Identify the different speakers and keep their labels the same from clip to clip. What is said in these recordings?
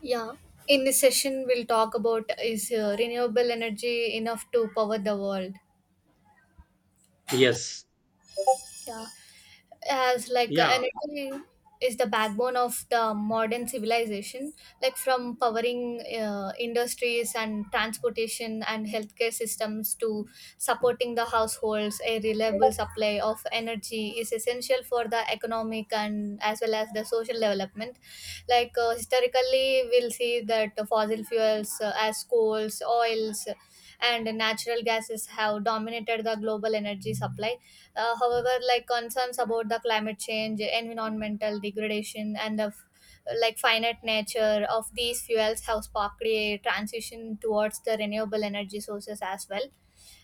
Speaker 1: Yeah, in this session, we'll talk about is renewable energy enough to power the world?
Speaker 2: Yes.
Speaker 1: Yeah. As like
Speaker 2: Yeah.
Speaker 1: energy is the backbone of the modern civilization, like from powering industries and transportation and healthcare systems to supporting the households. A reliable supply of energy is essential for the economic and as well as the social development. Like historically we'll see that the fossil fuels as coals oils and natural gases have dominated the global energy supply. However, like concerns about the climate change, environmental degradation, and like finite nature of these fuels have sparked a transition towards the renewable energy sources as well.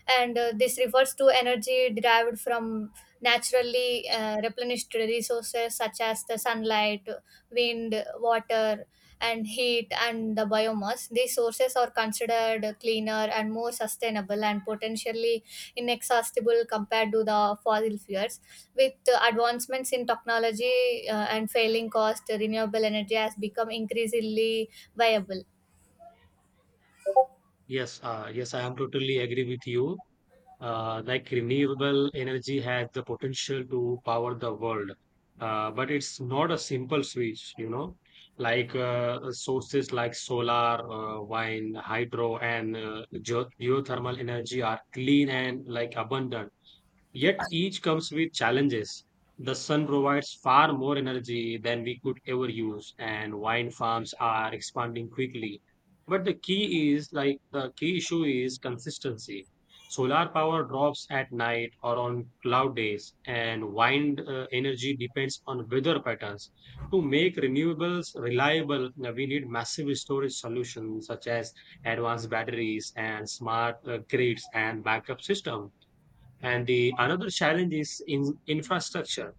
Speaker 1: And this refers to energy derived from naturally replenished resources such as the sunlight, wind, water, and heat and the biomass. These sources are considered cleaner and more sustainable and potentially inexhaustible compared to the fossil fuels. With the advancements in technology and failing cost, renewable energy has become increasingly viable.
Speaker 2: Yes. Yes. I am totally agree with you. Like renewable energy has the potential to power the world, but it's not a simple switch, you know. Like sources like solar, wind, hydro, and geothermal energy are clean and like abundant. Yet each comes with challenges. The sun provides far more energy than we could ever use, and wine farms are expanding quickly. But the key issue is consistency. Solar power drops at night or on cloud days, and wind energy depends on weather patterns. To make renewables reliable, we need massive storage solutions such as advanced batteries and smart grids and backup systems. And the another challenge is in infrastructure.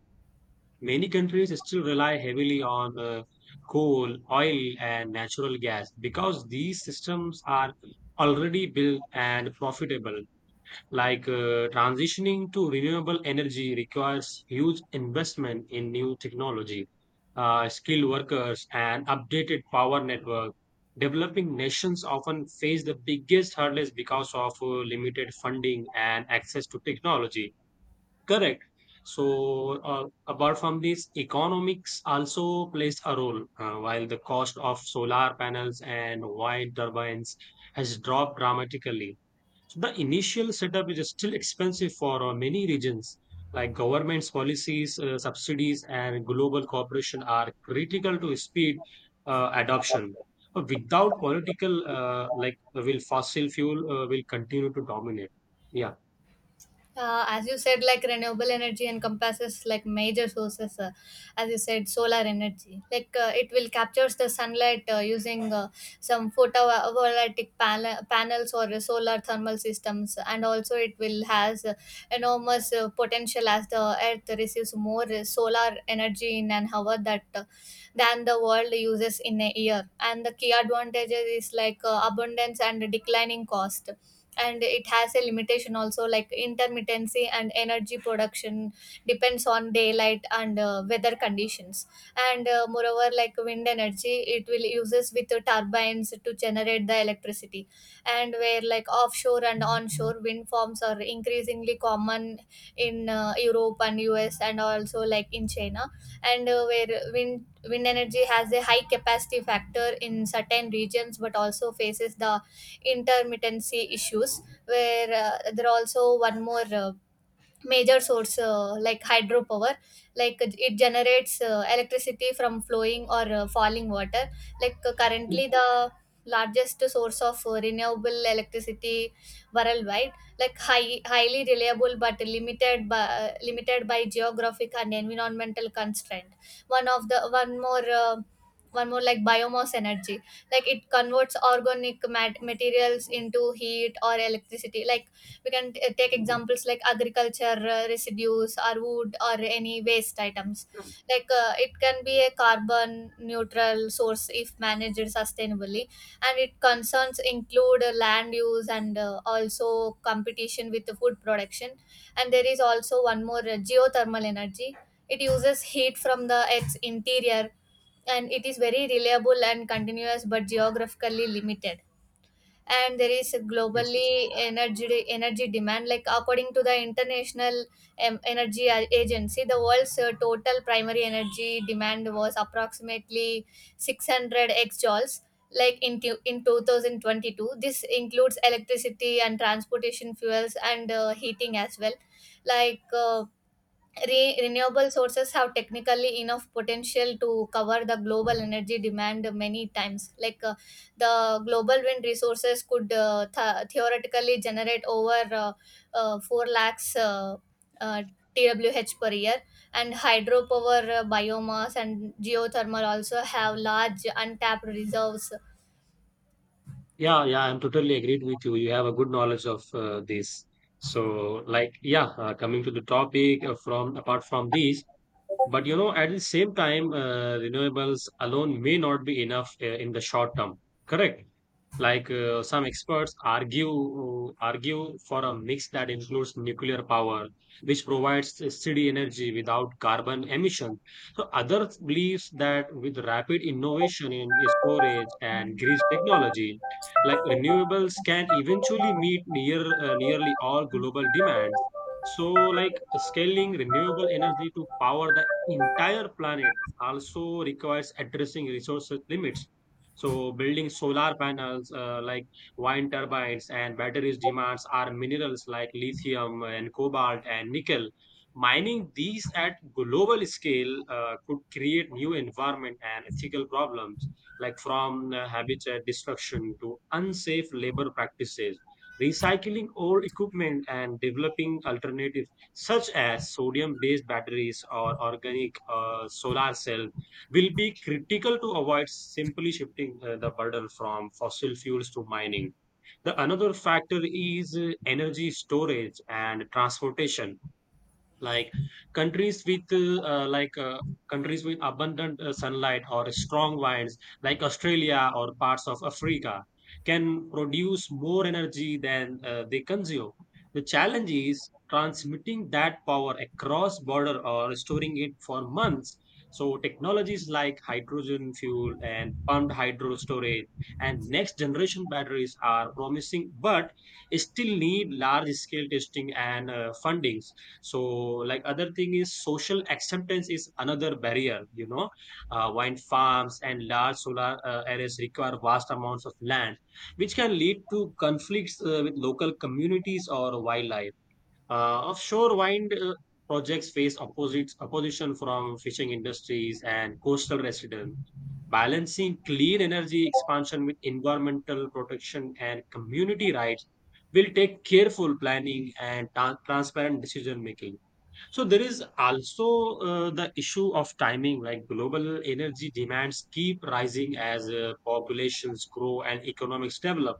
Speaker 2: Many countries still rely heavily on coal, oil, and natural gas because these systems are already built and profitable. Like transitioning to renewable energy requires huge investment in new technology, skilled workers, and updated power network. Developing nations often face the biggest hurdles because of limited funding and access to technology. Correct. So, apart from this, economics also plays a role. While the cost of solar panels and wind turbines has dropped dramatically, so the initial setup is still expensive for many regions. Like government's policies, subsidies, and global cooperation are critical to speed adoption. But without political, like, will fossil fuel will continue to dominate. Yeah.
Speaker 1: As you said, like renewable energy encompasses like major sources, as you said, solar energy. Like it will captures the sunlight using some panels or solar thermal systems, and also it will has enormous potential as the earth receives more solar energy in an hour that than the world uses in a year. And the key advantages is like abundance and declining cost, and it has a limitation also like intermittency, and energy production depends on daylight and weather conditions. And moreover, like wind energy, it will uses with the turbines to generate the electricity, and where like offshore and onshore wind farms are increasingly common in Europe and US, and also like in China. And where wind energy has a high capacity factor in certain regions but also faces the intermittency issues. Where there are also one more major source, like hydropower. Like it generates electricity from flowing or falling water. Like currently the largest source of renewable electricity worldwide. Like highly reliable but limited by geographic and environmental constraint. One of the one more like biomass energy. Like it converts materials into heat or electricity. Like we can take examples like agriculture residues or wood or any waste items. Like it can be a carbon neutral source if managed sustainably, and it concerns include land use and also competition with the food production. And there is also one more, geothermal energy. It uses heat from the earth's interior, and it is very reliable and continuous but geographically limited. And there is a
Speaker 2: Yes.
Speaker 1: globally energy demand. Like according to the international energy agency, the world's total primary energy demand was approximately 600 exajoules, like in 2022. This includes electricity and transportation fuels and heating as well. Like renewable sources have technically enough potential to cover the global energy demand many times. Like the global wind resources could theoretically generate over 4 lakhs uh, TWH per year, and hydropower, biomass, and geothermal also have large untapped reserves. Yeah.
Speaker 2: Yeah, yeah, I'm totally agreed with you. You have a good knowledge of this. So, like, yeah, coming to the topic from apart from these, but you know, at the same time, renewables alone may not be enough in the short term. Correct? Like some experts argue for a mix that includes nuclear power, which provides steady energy without carbon emission. So others believes that with rapid innovation in storage and grid technology, like renewables can eventually meet nearly all global demands. So, like scaling renewable energy to power the entire planet also requires addressing resource limits. So, building solar panels like wind turbines and batteries demands are minerals like lithium and cobalt and nickel. Mining these at global scale could create new environment and ethical problems, like from habitat destruction to unsafe labor practices. Recycling old equipment and developing alternative such as sodium-based batteries or organic solar cell will be critical to avoid simply shifting the burden from fossil fuels to mining. The another factor is energy storage and transportation, like countries with uh, uh, like uh, countries with abundant sunlight or strong winds like australia or parts of africa can produce more energy than they consume. The challenge is transmitting that power across border or storing it for months. So technologies like hydrogen fuel and pumped hydro storage and next generation batteries are promising but still need large scale testing and fundings. So, like other thing is social acceptance is another barrier, you know. Uh, wind farms and large solar arrays require vast amounts of land, which can lead to conflicts with local communities or wildlife. Offshore wind projects face opposites opposition from fishing industries and coastal residents. Balancing clean energy expansion with environmental protection and community rights will take careful planning and transparent decision making. So there is also the issue of timing, like global energy demands keep rising as populations grow and economics develop.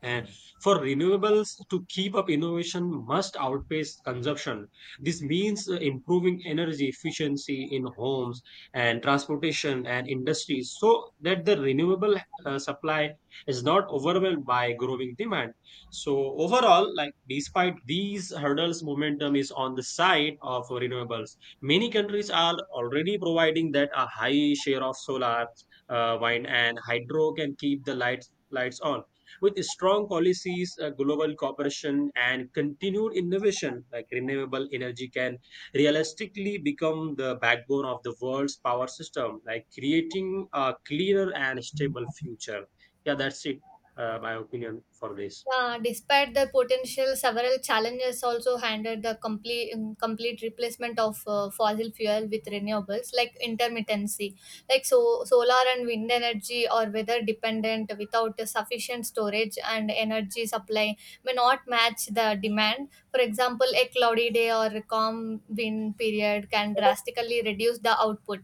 Speaker 2: And for renewables to keep up, innovation must outpace consumption. This means improving energy efficiency in homes and transportation and industries so that the renewable supply is not overwhelmed by growing demand. So overall, like despite these hurdles, momentum is on the side of renewables. Many countries are already providing that a high share of solar, wind and hydro can keep the lights on. With strong policies, global cooperation, and continued innovation, like renewable energy can realistically become the backbone of the world's power system, like creating a cleaner and stable future. Yeah, that's it. My opinion for this.
Speaker 1: Despite the potential, several challenges also handled the complete replacement of fossil fuel with renewables, like intermittency, like so solar and wind energy or weather dependent without the sufficient storage and energy supply may not match the demand. For example, a cloudy day or a calm wind period can drastically reduce the output.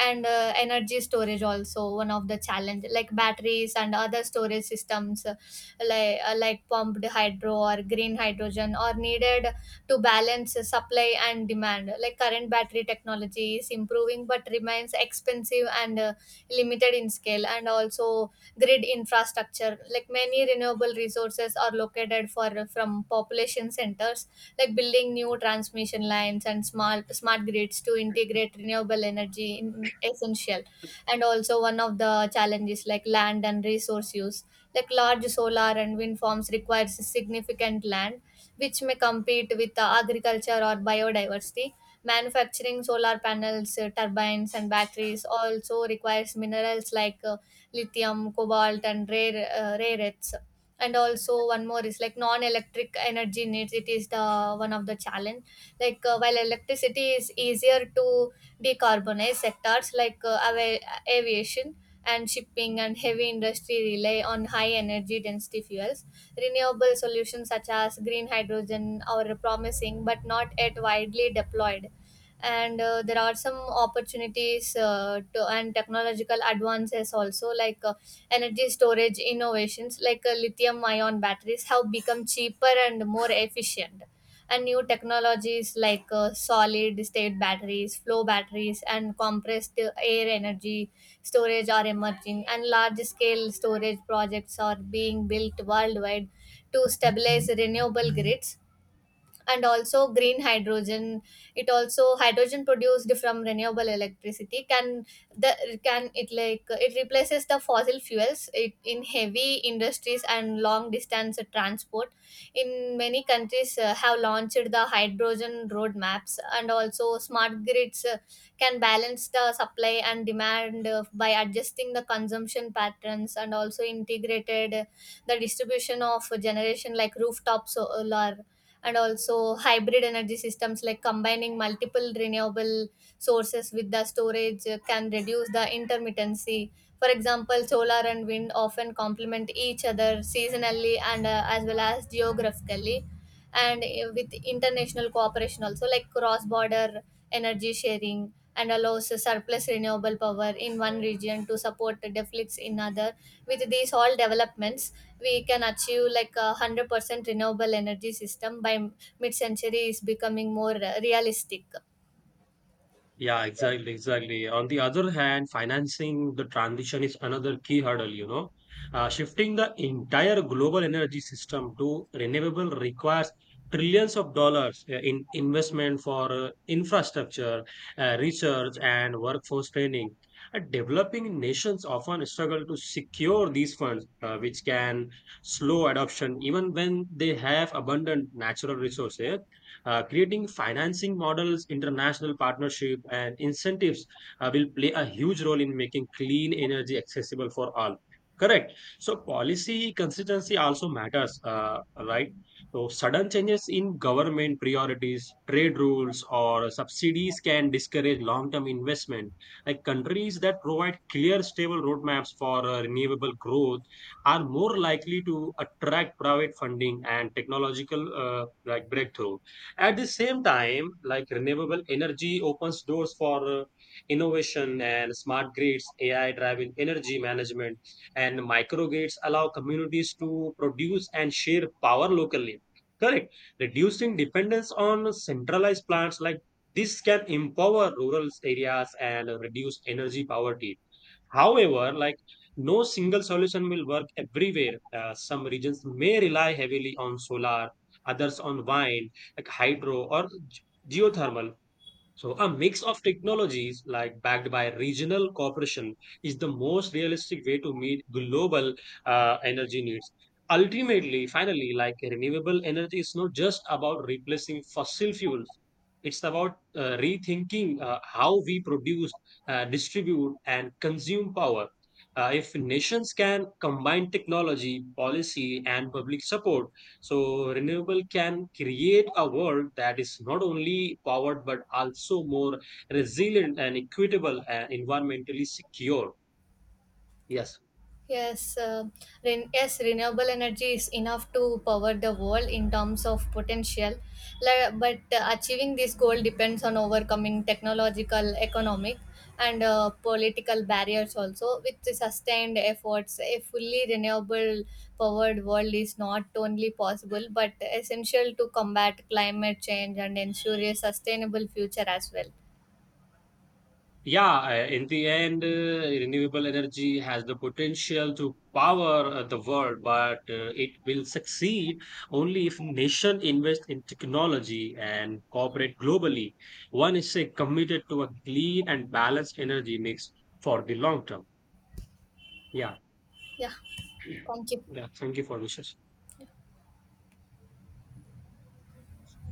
Speaker 1: And energy storage also one of the challenge, like batteries and other storage systems, like pumped hydro or green hydrogen are needed to balance supply and demand. Like current battery technology is improving but remains expensive and limited in scale. And also grid infrastructure, like many renewable resources are located for from population centers, like building new transmission lines and smart grids to integrate renewable energy in essential. And also one of the challenges like land and resource use, like large solar and wind farms requires significant land, which may compete with the agriculture or biodiversity. Manufacturing solar panels, turbines and batteries also requires minerals like lithium, cobalt and rare earths. And also one more is like non-electric energy needs, it is the one of the challenge. Like while electricity is easier to decarbonize, sectors like aviation and shipping and heavy industry rely on high energy density fuels. Renewable solutions such as green hydrogen are promising but not yet widely deployed. And there are some opportunities and technological advances also, like energy storage innovations like lithium ion batteries have become cheaper and more efficient. And new technologies like solid state batteries, flow batteries and compressed air energy storage are emerging, and large scale storage projects are being built worldwide to stabilize renewable grids. And also green hydrogen, it also hydrogen produced from renewable electricity can the can it like it replaces the fossil fuels it, in heavy industries and long distance transport. In many countries have launched the hydrogen roadmaps. And also smart grids can balance the supply and demand by adjusting the consumption patterns, and also integrated the distribution of generation like rooftop solar. And also hybrid energy systems, like combining multiple renewable sources with the storage can reduce the intermittency. For example, solar and wind often complement each other seasonally and as well as geographically. And with international cooperation also, like cross border energy sharing and allows surplus renewable power in one region to support the deficits in other. With these all developments, we can achieve like a 100% renewable energy system by mid century is becoming more realistic.
Speaker 2: Yeah, exactly, exactly. On the other hand, financing the transition is another key hurdle, you know. Shifting the entire global energy system to renewable requires trillions of dollars in investment for infrastructure, research, and workforce training. And developing nations often struggle to secure these funds, which can slow adoption even when they have abundant natural resources. Uh, creating financing models, international partnership, and incentives will play a huge role in making clean energy accessible for all. Correct. So policy consistency also matters, right? So sudden changes in government priorities, trade rules, or subsidies can discourage long-term investment. Like countries that provide clear, stable roadmaps for renewable growth are more likely to attract private funding and technological like breakthrough. At the same time, like renewable energy opens doors for innovation and smart grids, AI driven energy management, and microgrids allow communities to produce and share power locally. Correct. Reducing dependence on centralized plants, like this can empower rural areas and reduce energy poverty. However, like no single solution will work everywhere. Some regions may rely heavily on solar, others on wind, like hydro or geothermal. So a mix of technologies like backed by regional cooperation is the most realistic way to meet global energy needs. Ultimately, finally, like renewable energy is not just about replacing fossil fuels. It's about rethinking how we produce, distribute, and consume power. If nations can combine technology, policy, and public support, so renewable can create a world that is not only powered but also more resilient and equitable and environmentally secure. Yes.
Speaker 1: Yes, yes, renewable energy is enough to power the world in terms of potential. But achieving this goal depends on overcoming technological, economic, and political barriers also. With the sustained efforts, a fully renewable powered world is not only possible but essential to combat climate change and ensure a sustainable future as well.
Speaker 2: Yeah, in the end, renewable energy has the potential to power the world, but it will succeed only if nation invest in technology and cooperate globally. One is say, committed to a clean and balanced energy mix for the long term. Yeah,
Speaker 1: Yeah, thank you.
Speaker 2: yeah. Thank you for this.